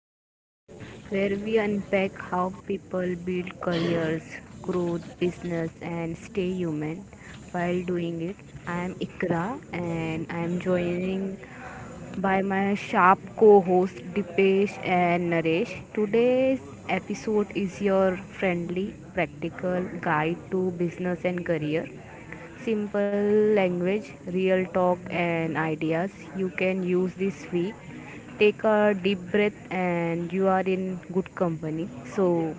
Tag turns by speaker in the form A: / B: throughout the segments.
A: Beyond, where we unpack how people build careers, growth, business, and stay human while doing it. I am Ikra and I am joining by my sharp co host Dipesh and Naresh. Today's episode is your friendly, practical guide to business and career. Simple language, real talk, and ideas you can use this week. Take a deep breath, and you are in good company. So,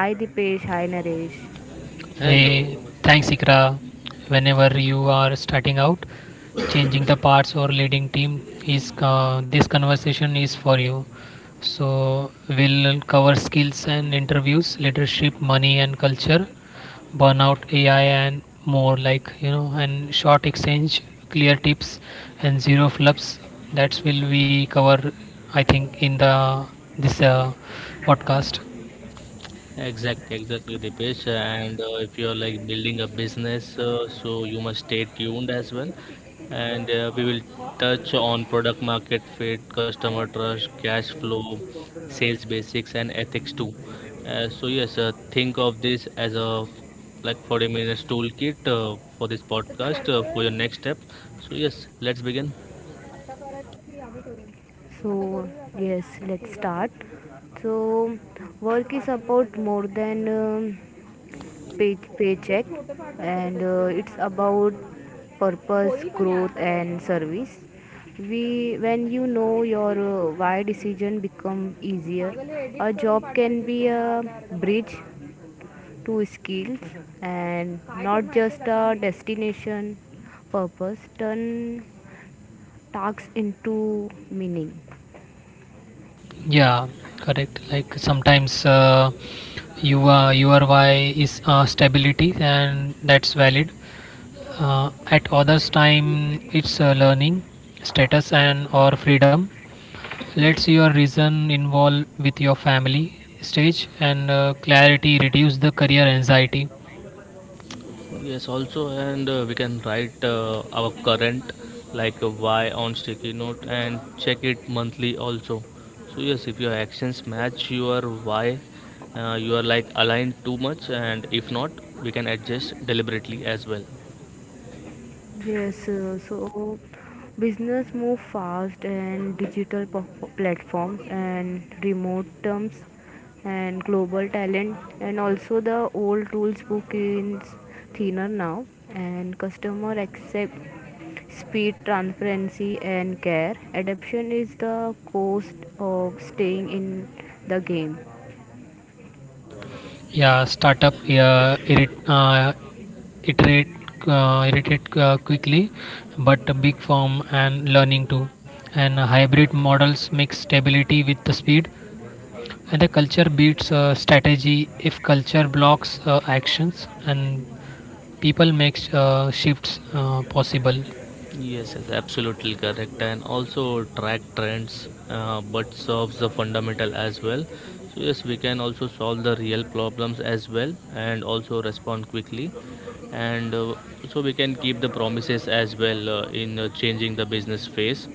A: hi Dipesh, hi Naresh.
B: Hey,
C: Hello,
B: thanks Ikra. Whenever you are starting out, changing the parts or leading team is this conversation is for you. So we'll cover skills and interviews, leadership, money and culture, burnout, AI and more like, and short exchange, clear tips and zero flubs. That's will we cover, I think, in the this podcast.
C: exactly, exactly, Dipesh. And If you're like building a business, so you must stay tuned as well. And We will touch on product market fit, customer trust, cash flow, sales basics, and ethics too. Think of this as a 40 minutes toolkit for this podcast for your next step. So yes, let's begin.
A: So, yes, let's start. So, work is about more than paycheck and it's about purpose growth and service we when you know your why decision become easier a job can be a bridge to skills and not just a destination purpose turn tasks into meaning.
B: Yeah, correct. Like sometimes U URY is stability and that's valid. At others time it's learning, status and or freedom. Let's your reason involve with your family stage and clarity reduce the career anxiety.
C: Yes, also, and we can write our current like a why on sticky note and check it monthly also. So yes, if your actions match your why, you are like aligned too much, and if not, we can adjust deliberately as well.
A: Yes, so business move fast and digital platforms and remote terms and global talent and also the old rules book is thinner now and customer accept speed, transparency and care. Adaption is the cost of staying in the game.
B: Yeah, startup yeah, iterate irritate quickly, but a big firm and learning too. And hybrid models mix stability with the speed, and the culture beats strategy if culture blocks actions, and people make shifts possible.
C: Yes, yes, absolutely correct, and also track trends, but solves the fundamental as well. So yes, we can also solve the real problems as well, and also respond quickly, and so we can keep the promises as well in changing the business phase.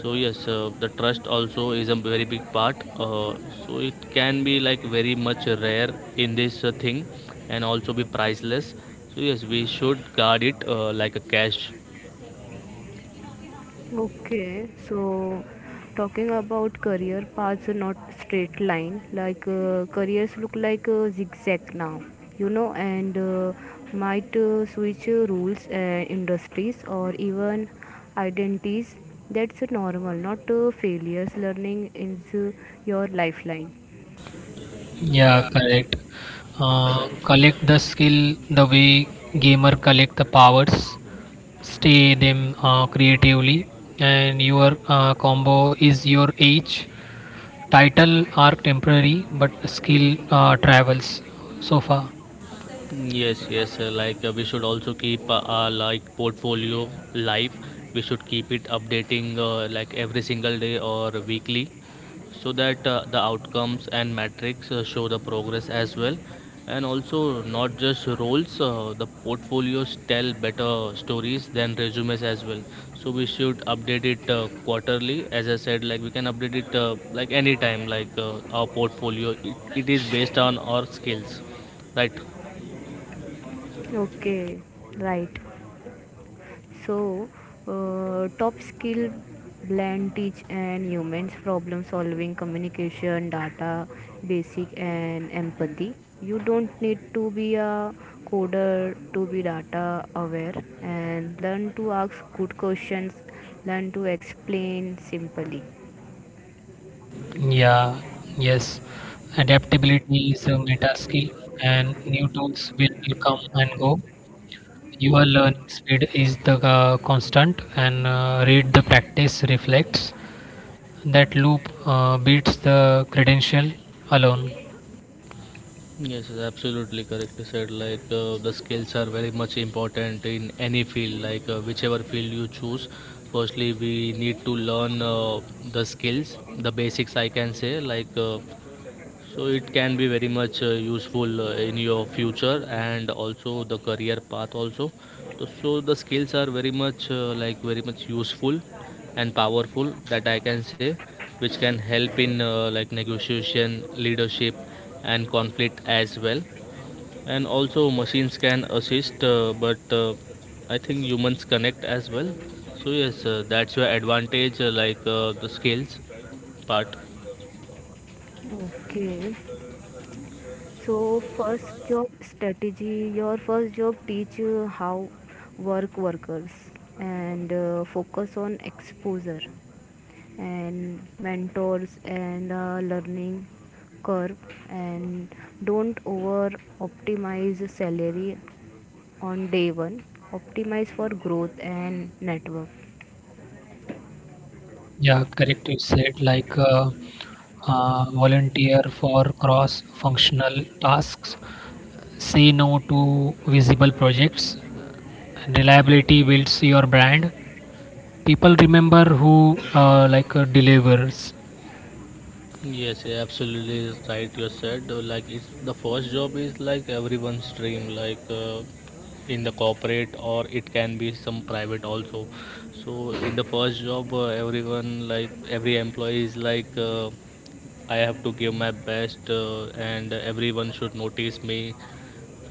C: So yes, the trust also is a very big part. So it can be like very much rare in this thing, and also be priceless. So yes, we should guard it like a cash.
A: Okay, so talking about career paths are not straight line. Like careers look like a zigzag now, and might switch rules and industries or even identities. That's normal, not failures. Learning is your lifeline.
B: Yeah, correct. Uh, Collect the skill the way gamer collect the powers, stay them creatively and your combo is your age, title are temporary but skill travels so far.
C: Mm. Yes, yes. Like we should also keep our like portfolio live. We should keep it updating like every single day or weekly, so that the outcomes and metrics show the progress as well. And also, not just roles. The portfolios tell better stories than resumes as well. So we should update it quarterly. As I said, like we can update it like anytime. Like our portfolio, it is based on our skills, right?
A: Okay, right. So, top skill blend teach and humans problem solving, communication, data, basic and empathy. You don't need to be a coder to be data aware and learn to ask good questions, learn to explain simply.
B: Yeah, yes, adaptability is a meta skill, and new tools will come and go. Your learning speed is the constant, and read the practice reflects that loop beats the credential alone.
C: Yes, it's absolutely correctly said. Like the skills are very much important in any field, like whichever field you choose. Firstly, we need to learn the skills, the basics, I can say, like so it can be very much useful in your future and also the career path also. So the skills are very much like very much useful and powerful that I can say, which can help in like negotiation, leadership, and conflict as well. And also machines can assist, but I think humans connect as well. So yes, that's your advantage, like the skills part.
A: Okay. So first job strategy, your first job teach you how workers and focus on exposure and mentors and learning curve and don't over optimize salary on day one, optimize for growth and network.
B: Yeah, correct. You said like Volunteer for cross-functional tasks, say no to visible projects. Reliability builds your brand. People remember who delivers.
C: Yes, yeah, absolutely right. You said like it's the first job is like everyone's dream, like in the corporate or it can be some private also. So in the first job, everyone like every employee is like I have to give my best, and everyone should notice me.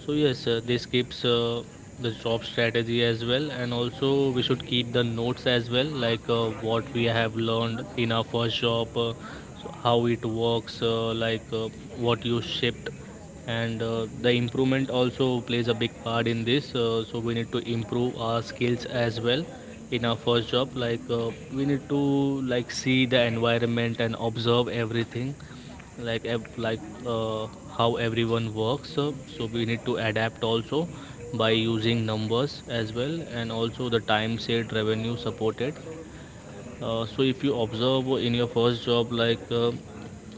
C: So yes, this keeps the job strategy as well, and also we should keep the notes as well, like what we have learned in our first job, so how it works, like what you shipped, and the improvement also plays a big part in this. So we need to improve our skills as well in our first job. Like we need to like see the environment and observe everything like how everyone works so we need to adapt also by using numbers as well and also the time saved revenue supported, so if you observe in your first job like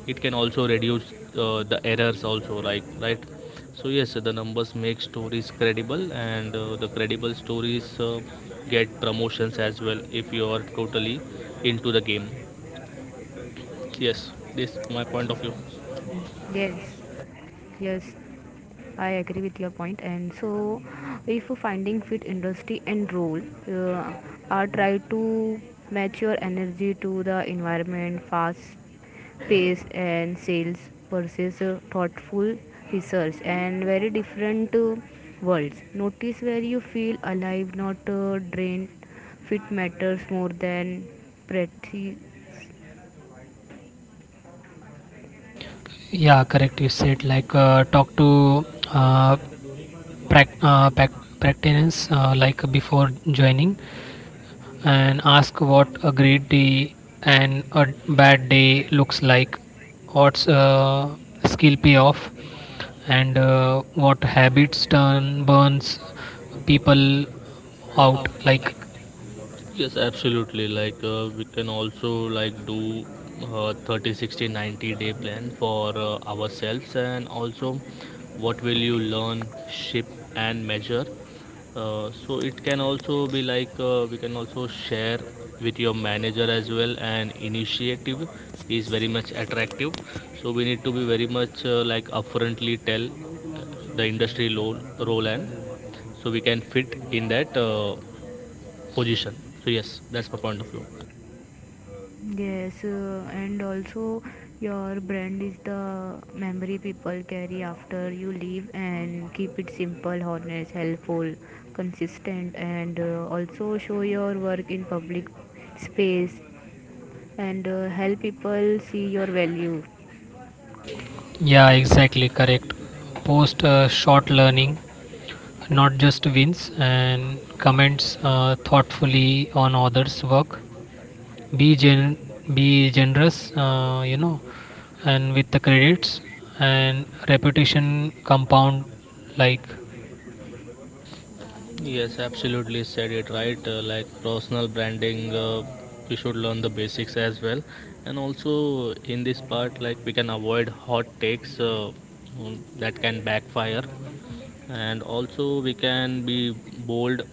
C: it can also reduce the errors also, like, right? So yes, the numbers make stories credible, and the credible stories get promotions as well if you are totally into the game. Yes, this my point of view.
A: Yes, yes, I agree with your point. And so if finding fit industry and role uh, are try to match your energy to the environment, fast pace and sales versus thoughtful research and very different worlds, notice where you feel alive, not drained. Fit matters more than pretty.
B: Yeah, correct. You said like talk to uh, practitioners like before joining, and ask what a great day and a bad day looks like, what's skill payoff, and what habits turn burns people out. Like,
C: Yes, absolutely. Like we can also like do 30, 60, 90 day plan for ourselves and also what will you learn, ship and measure. So it can also be like we can also share with your manager as well and initiative is very much attractive, so we need to be very much like upfrontly tell the industry role, and so we can fit in that position. So yes, that's my point of view.
A: Yes, and also your brand is the memory people carry after you leave and keep it simple, honest, helpful, consistent and also show your work in public space and help people see your value.
B: yeah, exactly correct. Post short learning, not just wins, and comments thoughtfully on others' work. be gen be generous, you know, and with the credits, and reputation compound like.
C: Yes, absolutely said it right. Like personal branding, we should learn the basics as well, and also in this part, like we can avoid hot takes that can backfire, and also we can be bold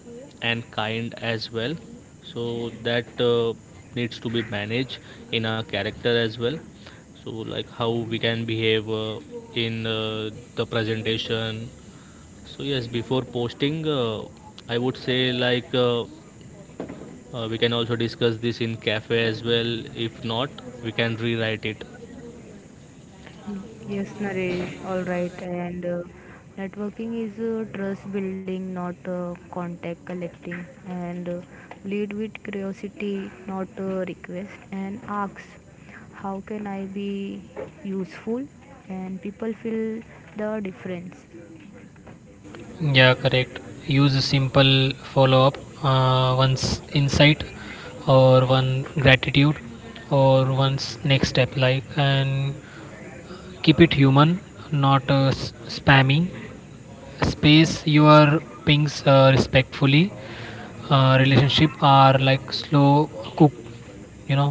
C: and kind as well. So that needs to be managed in our character as well, so like how we can behave in the presentation. So yes, before posting, I would say like we can also discuss this in cafe as well. If not, we can rewrite it.
A: Yes, Naresh, all right. And networking is trust building, not contact collecting. And lead with curiosity, not request. And ask, how can I be useful? And people feel the difference.
B: Yeah, correct. Use a simple follow up, once insight or one gratitude or one's next step like, and keep it human, not spammy. Space your pings respectfully. Relationship are like slow cook, you know.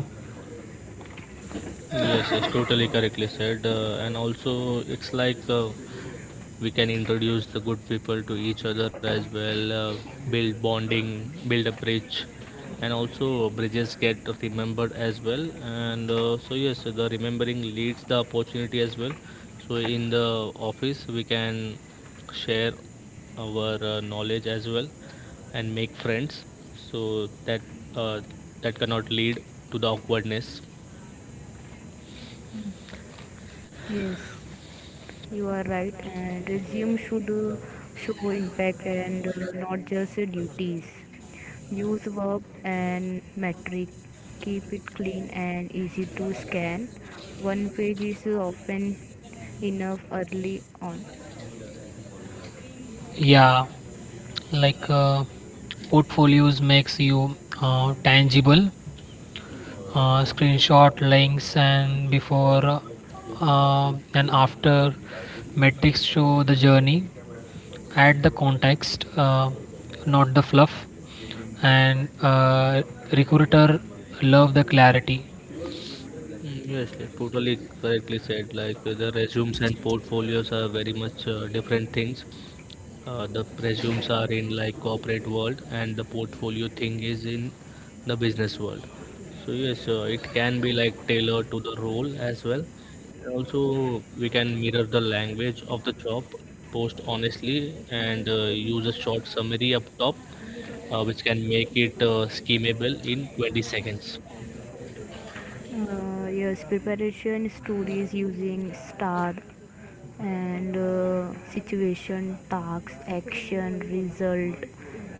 C: Yes, yes, totally correctly said. And also, it's like we can introduce the good people to each other as well, build bonding, build a bridge, and also bridges get remembered as well, and so yes, the remembering leads the opportunity as well. So in the office we can share our knowledge as well and make friends so that uh, that cannot lead to the awkwardness.
A: Yes, you are right. And resume should show impact and not just duties. Use verb and metric. Keep it clean and easy to scan. One page is often enough early on.
B: Yeah, like uh, portfolios makes you tangible. Screenshot links and before and after metrics show the journey. Add the context, not the fluff, and recruiter love the clarity.
C: Mm. Yes, you totally correctly said. Like the resumes and portfolios are very much different things. The resumes are in like corporate world, and the portfolio thing is in the business world. So yes, it can be like tailored to the role as well. And also, we can mirror the language of the job, post honestly, and use a short summary up top, which can make it schemable in 20 seconds.
A: Yes, preparation stories using star and situation, tasks, action, result,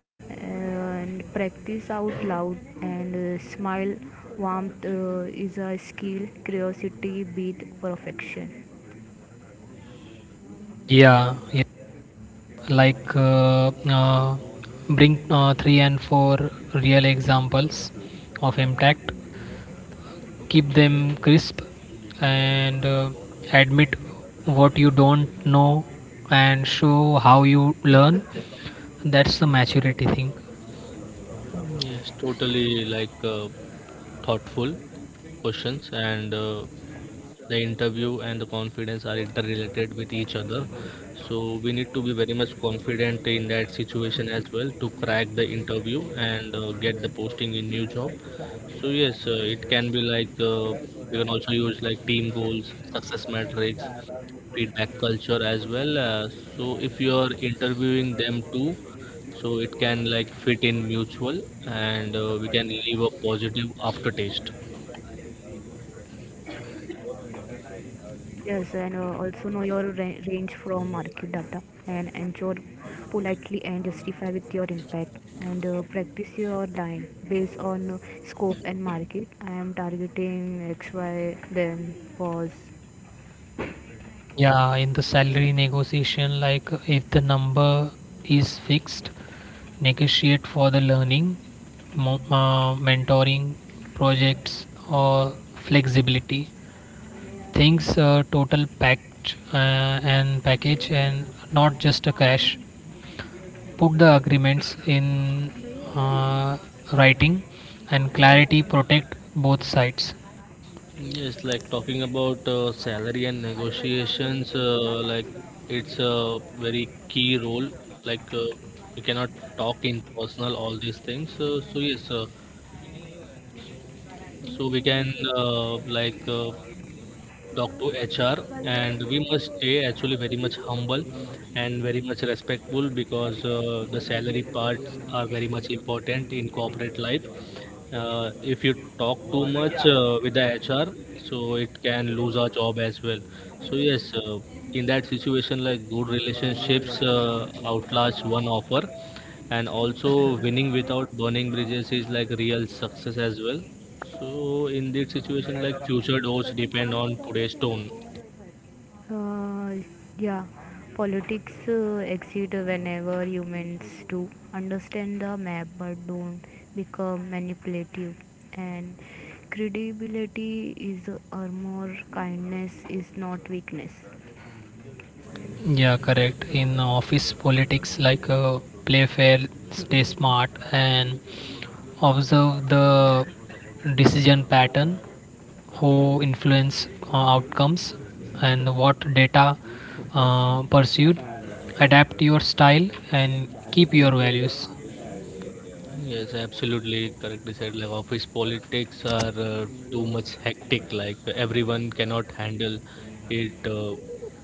A: and practice out loud and smile. Warmth is a skill, curiosity beat perfection.
B: Yeah, yeah. like uh, uh, bring three and four real examples of impact. Keep them crisp, and admit what you don't know and show how you learn. That's the maturity thing.
C: Yes, totally like thoughtful questions and the interview and the confidence are interrelated with each other, so we need to be very much confident in that situation as well to crack the interview and get the posting in new job. So yes, it can be like we can also use like team goals, success metrics, feedback culture as well, so if you are interviewing them too, so it can like fit in mutual, and we can leave a positive aftertaste.
A: Yes, and also know your range from market data and ensure politely and justify with your impact and practice your line based on scope and market. I am targeting XY, then pause.
B: Yeah, in the salary negotiation, like if the number is fixed, negotiate for the learning, mentoring projects or flexibility things, total packed and package, and not just a cash. Put the agreements in uh, writing, and clarity protect both sides.
C: Yes, like talking about salary and negotiations, like it's a very key role. Like we cannot talk in personal all these things. So yes, so we can uh, like uh, talk to HR, and we must stay actually very much humble and very much respectful because the salary parts are very much important in corporate life. If you talk too much with the hr, so it can lose our job as well. So yes, in that situation, like good relationships outlast one offer, and also winning without burning bridges is like real success as well. So in this situation, like future doors depend on today's tone.
A: Uh, yeah, politics exist whenever humans do, understand the map but don't become manipulative. And credibility is armor, kindness is not weakness.
B: Yeah, correct. In office politics, play fair, stay smart, and observe the decision pattern, who influence outcomes and what data pursued. Adapt your style and keep your values.
C: Yes, absolutely correctly said. Like office politics are too much hectic. Like everyone cannot handle it.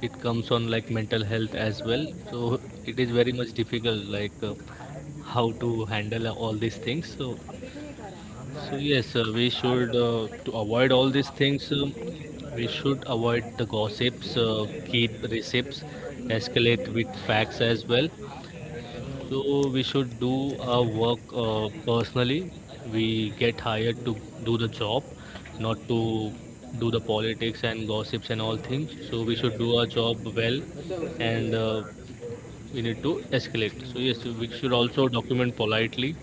C: It comes on like mental health as well. So it is very much difficult. Like how to handle all these things. So yes, we should to avoid all these things. We should avoid the gossips. Keep receipts. Escalate with facts as well, so we should do our work personally. We get hired to do the job, not to do the politics and gossips and all things. So we should do our job well, and we need to escalate. So yes, we should also document politely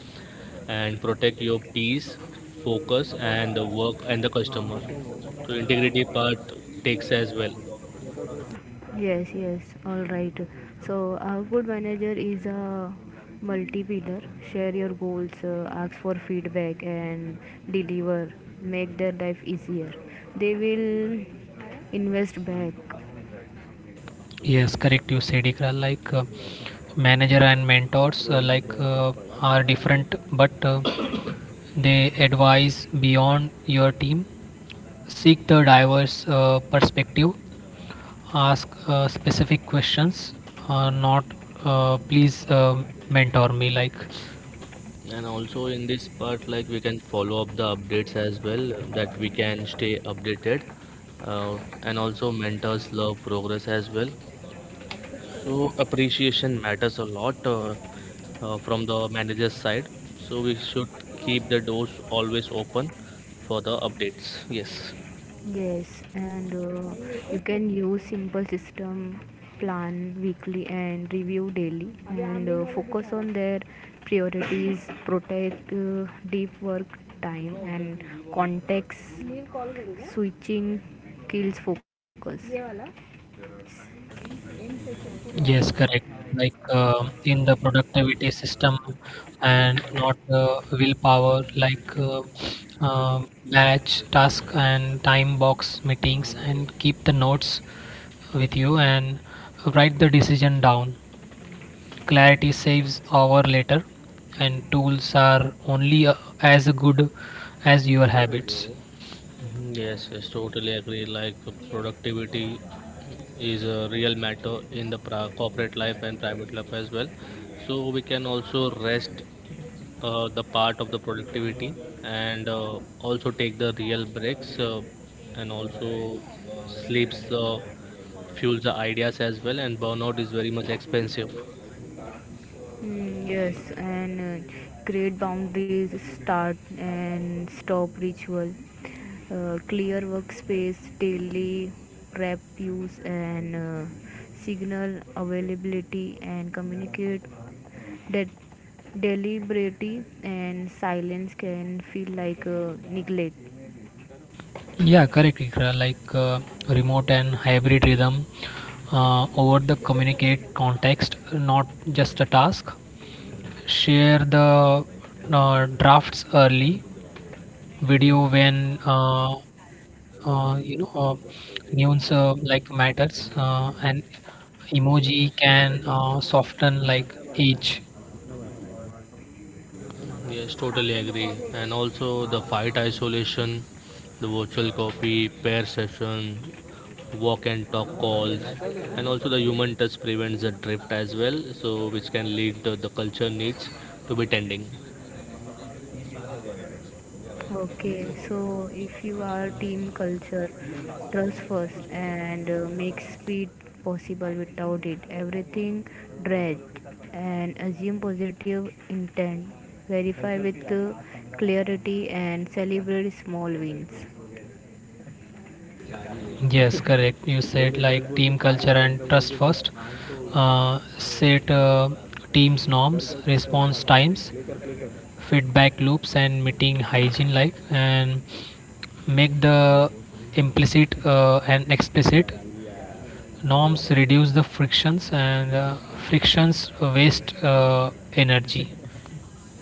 C: and protect your peace, focus, and the work and the customer. So integrity part takes as well.
A: Yes, yes, all right. So, a good manager is a multi pillar. Share your goals, ask for feedback, and deliver. Make their life easier. They will invest back.
B: Yes, correct. You said Ikra, like manager and mentors, are different, but they advise beyond your team. Seek the diverse perspective. Ask specific questions. Not please, mentor me like.
C: And also in this part, like we can follow up the updates as well, that we can stay updated. And also mentors love progress as well. So appreciation matters a lot, from the manager's side. So we should keep the doors always open for the updates. Yes.
A: Yes, and you can use simple system, plan weekly and review daily, and focus on their priorities, protect deep work time and context switching kills focus.
B: Yes, correct. Like in the productivity system and not willpower, batch task and time box meetings, and keep the notes with you and write the decision down. Clarity saves hour later, and tools are only as good as your habits.
C: Mhm. Yes, yes, totally agree. Like productivity is a real matter in the corporate life and private life as well. So we can also rest the part of the productivity, and also take the real breaks and also sleeps fuels the ideas as well. And burnout is very much expensive.
A: Yes, and create boundaries, start and stop ritual, clear workspace, daily prep use, and signal availability, and communicate that deliberately, and silence can feel like neglect.
B: Yeah, correct, Ikra. Like remote and hybrid rhythm, over the communicate context, not just a task. Share the drafts early, video when uh, you know uh, nuance like matters, and emoji can soften like each.
C: Yes, totally agree. And also the fight isolation, the virtual copy, pair session, walk and talk calls, and also the human touch prevents the drift as well, so which can lead the culture needs to be tending.
A: Okay, so if you are team culture, trust first and make speed possible, without it everything dread, and assume positive intent. Verify with clarity and celebrate small wins.
B: Yes, correct. You said like team culture and trust first. Set teams norms, response times, feedback loops and meeting hygiene like, and make the implicit and explicit norms reduce the frictions, and frictions waste energy.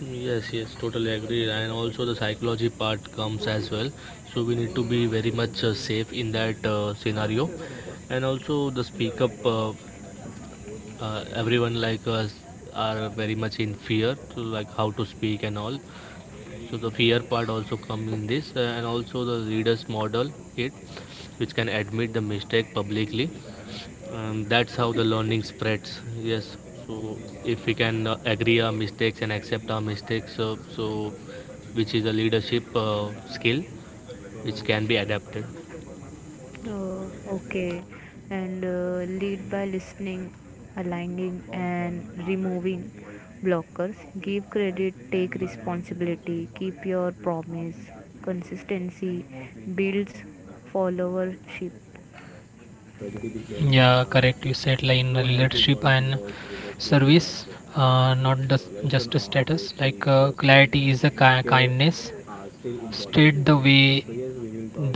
C: Yes, yes, totally agree. And also the psychology part comes as well. So we need to be very much safe in that scenario. And also the speak up, everyone like us are very much in fear to like how to speak and all. So the fear part also come in this, and also the readers model it, which can admit the mistake publicly. That's how the learning spreads. Yes. So if we can agree our mistakes and accept our mistakes, so which is a leadership skill which can be adapted.
A: Okay, and lead by listening, aligning, and removing blockers. Give credit, take responsibility, keep your promise. Consistency builds followership.
B: Yeah, correct. You said like in relationship and service, not the, just a status. Clarity is a kindness. State the way,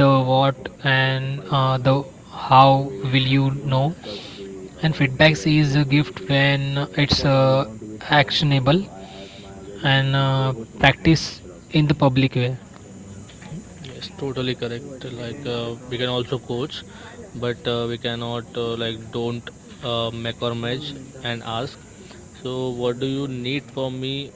B: the what, and the how will you know, and feedbacks is a gift when it's actionable, and practice in the public way.
C: Yes, totally correct. Like we can also coach, but we cannot like don't make or match and ask. So what do you need from me?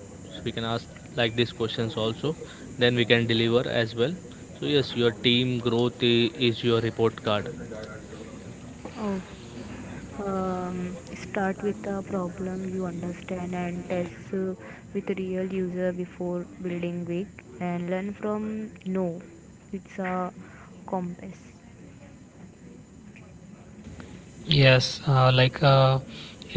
C: We can ask like these questions also. Then we can deliver as well. So yes, your team growth is your report card.
A: Oh, start with a problem you understand and test with real user before building big and learn from no. It's a compass.
B: Yes,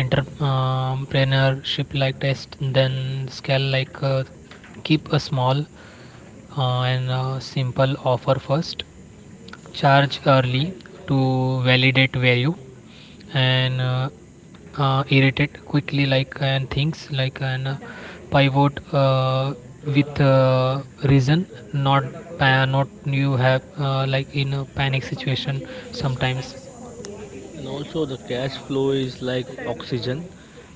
B: entrepreneurship, like test then scale. Keep a small and simple offer first, charge early to validate value, and irritate quickly, like and things like an pivot with reason, not not you have like in a panic situation sometimes.
C: And also the cash flow is like oxygen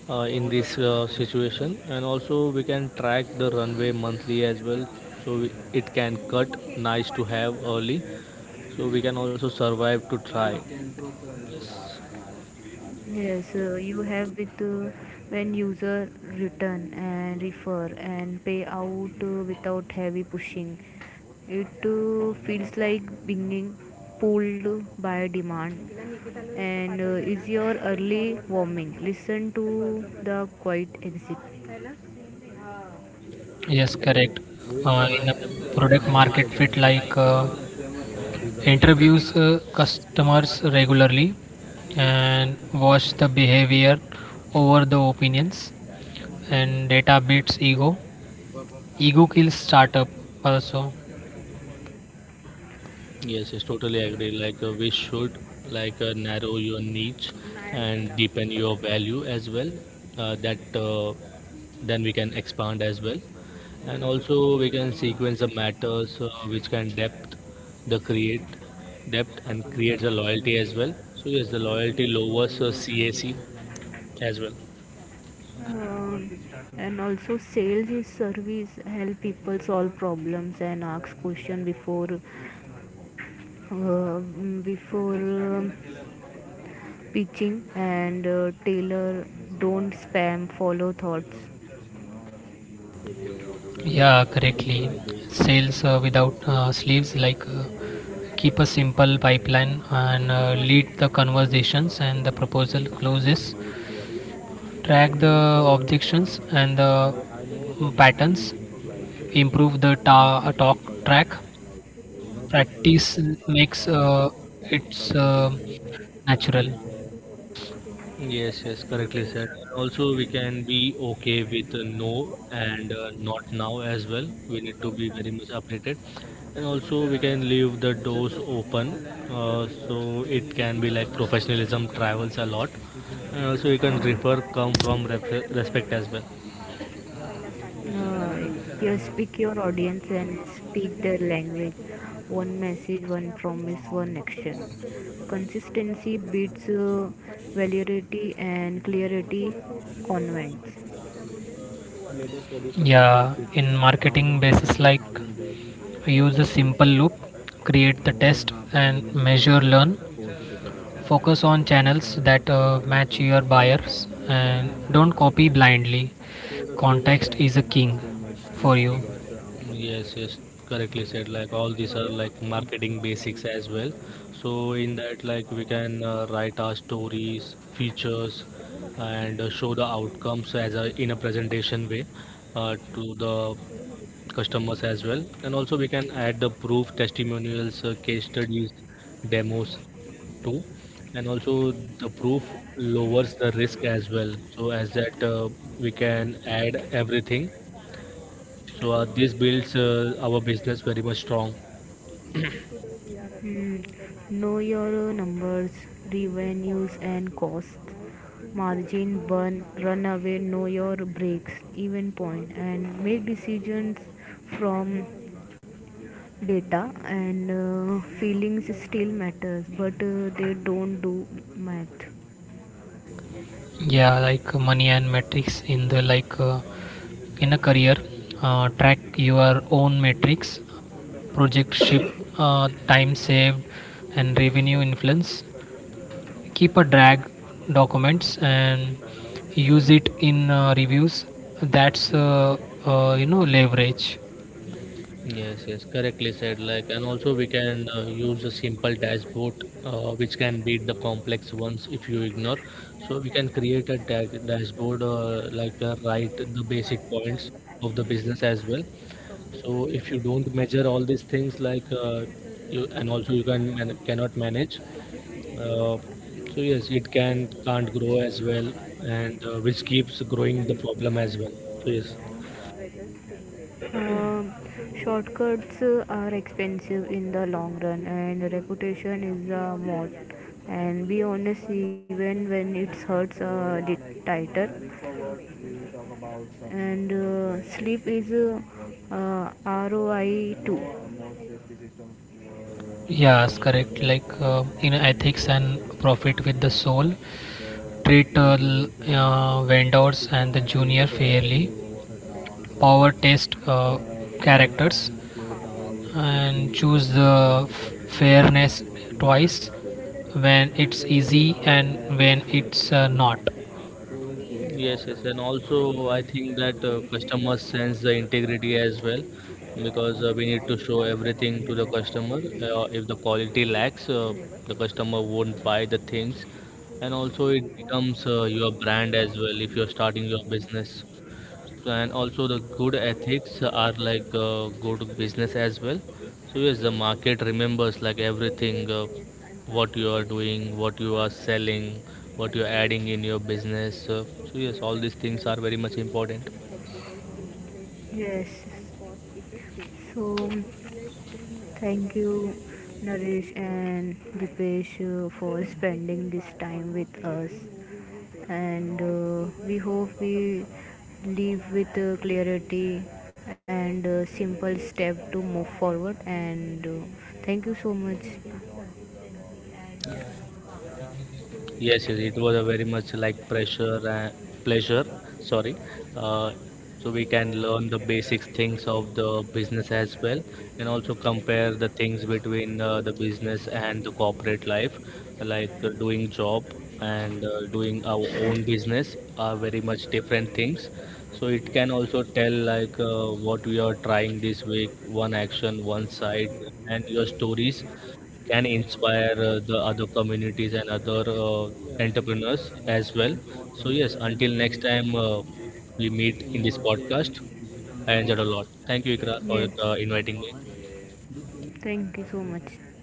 C: in this situation, and also we can track the runway monthly as well, so we, it can cut nice to have early, so we can also survive to try. Yes.
A: Yes, you have with when user return and refer and pay out without heavy pushing. It feels like being pulled by demand and is your early warming. Listen to the quiet exit.
B: Yes, correct. In a
C: In the
B: product
C: product
B: market
C: market
B: fit,
C: fit, like
B: interviews
C: interviews.
B: customers regularly, and watch the behavior over the opinions, and data beats ego. Ego kills startup also.
C: Yes, yes, totally agree. Like we should like narrow your niche and deepen your value as well. That Then we can expand as well, and also we can sequence the matters, which can depth the create depth and creates a loyalty as well. So yes, the loyalty lowers CAC as well.
A: Um, and also sales is service, help people solve problems and ask question before before um, pitching and taylor, don't spam follow thoughts.
B: Yeah, correctly. Sales without sleeves, keep a simple pipeline, and lead the conversations and the proposal closes. Track the objections and the, mm, patterns. Improve the talk track. Practice makes it's natural.
C: Yes, yes, correctly said. And also, we can be okay with no, and not now as well. We need to be very much updated. And also, we can leave the doors open, so it can be like professionalism travels a lot. And also, we can refer come from ref respect as well.
A: uh, you speak your audience and speak their language, one message, one promise, one action. Consistency beats validity and clarity convents.
B: Yeah, in marketing basis, like use a simple loop, create the test and measure learn. Focus on channels that match your buyers, and don't copy blindly. Context is a king for you.
C: Yes, yes, correctly said. Like all these are like marketing basics as well. So in that, like we can write our stories, features, and show the outcomes as a in a presentation way to the customers as well. And also we can add the proof, testimonials, case studies, demos too. And also the proof lowers the risk as well. So as that, we can add everything, so this builds our business very much strong.
A: Mm, Know your numbers, revenues and costs, margin, burn, run away. Know your breaks, even point, and make decisions from data, and feelings still matters, but they don't do math.
B: Yeah, like money and metrics in the, in a career, track your own metrics, project ship, time saved, and revenue influence. Keep a drag documents and use it in reviews. That's, leverage.
C: Yes, yes, correctly said. Like, and also we can use a simple dashboard, which can beat the complex ones if you ignore. So we can create a da dashboard, write the basic points of the business as well. So if you don't measure all these things, like you, and also you can man cannot manage. Uh, so yes, it can can't grow as well, and which keeps growing the problem as well. So yes.
A: Uh, Shortcuts are expensive in the long run, and reputation is a mod. And be honest, even when it hurts tighter. And sleep is uh, ROI2.
B: Yes, correct. Like in ethics and profit with the soul, treat vendors and the junior fairly. Power test characters, and choose the fairness twice, when it's easy and when it's not.
C: Yes, yes, and also I think that customers sense the integrity as well, because we need to show everything to the customer. If the quality lacks, the customer won't buy the things, and also it becomes your brand as well if you're starting your business, and also the good ethics are like good business as well. So yes, the market remembers like everything, what you are doing, what you are selling, what you are adding in your business, so yes, all these things are very much important.
A: Yes. So, thank you, Naresh and Dipesh, for spending this time with us. And we hope we live with clarity and simple step to move forward. And thank you so much.
C: Yes, yes, it was a very much like pressure and pleasure. Sorry. Uh, so we can learn the basic things of the business as well, and also compare the things between the business and the corporate life, like doing job and doing our own business are very much different things. So it can also tell like what we are trying this week, one action, one side, and your stories can inspire the other communities and other entrepreneurs as well. So, yes, until next time we meet in this podcast, I enjoyed a lot. Thank you, Ikra, for
A: Yes.
C: inviting me.
A: Thank you so much.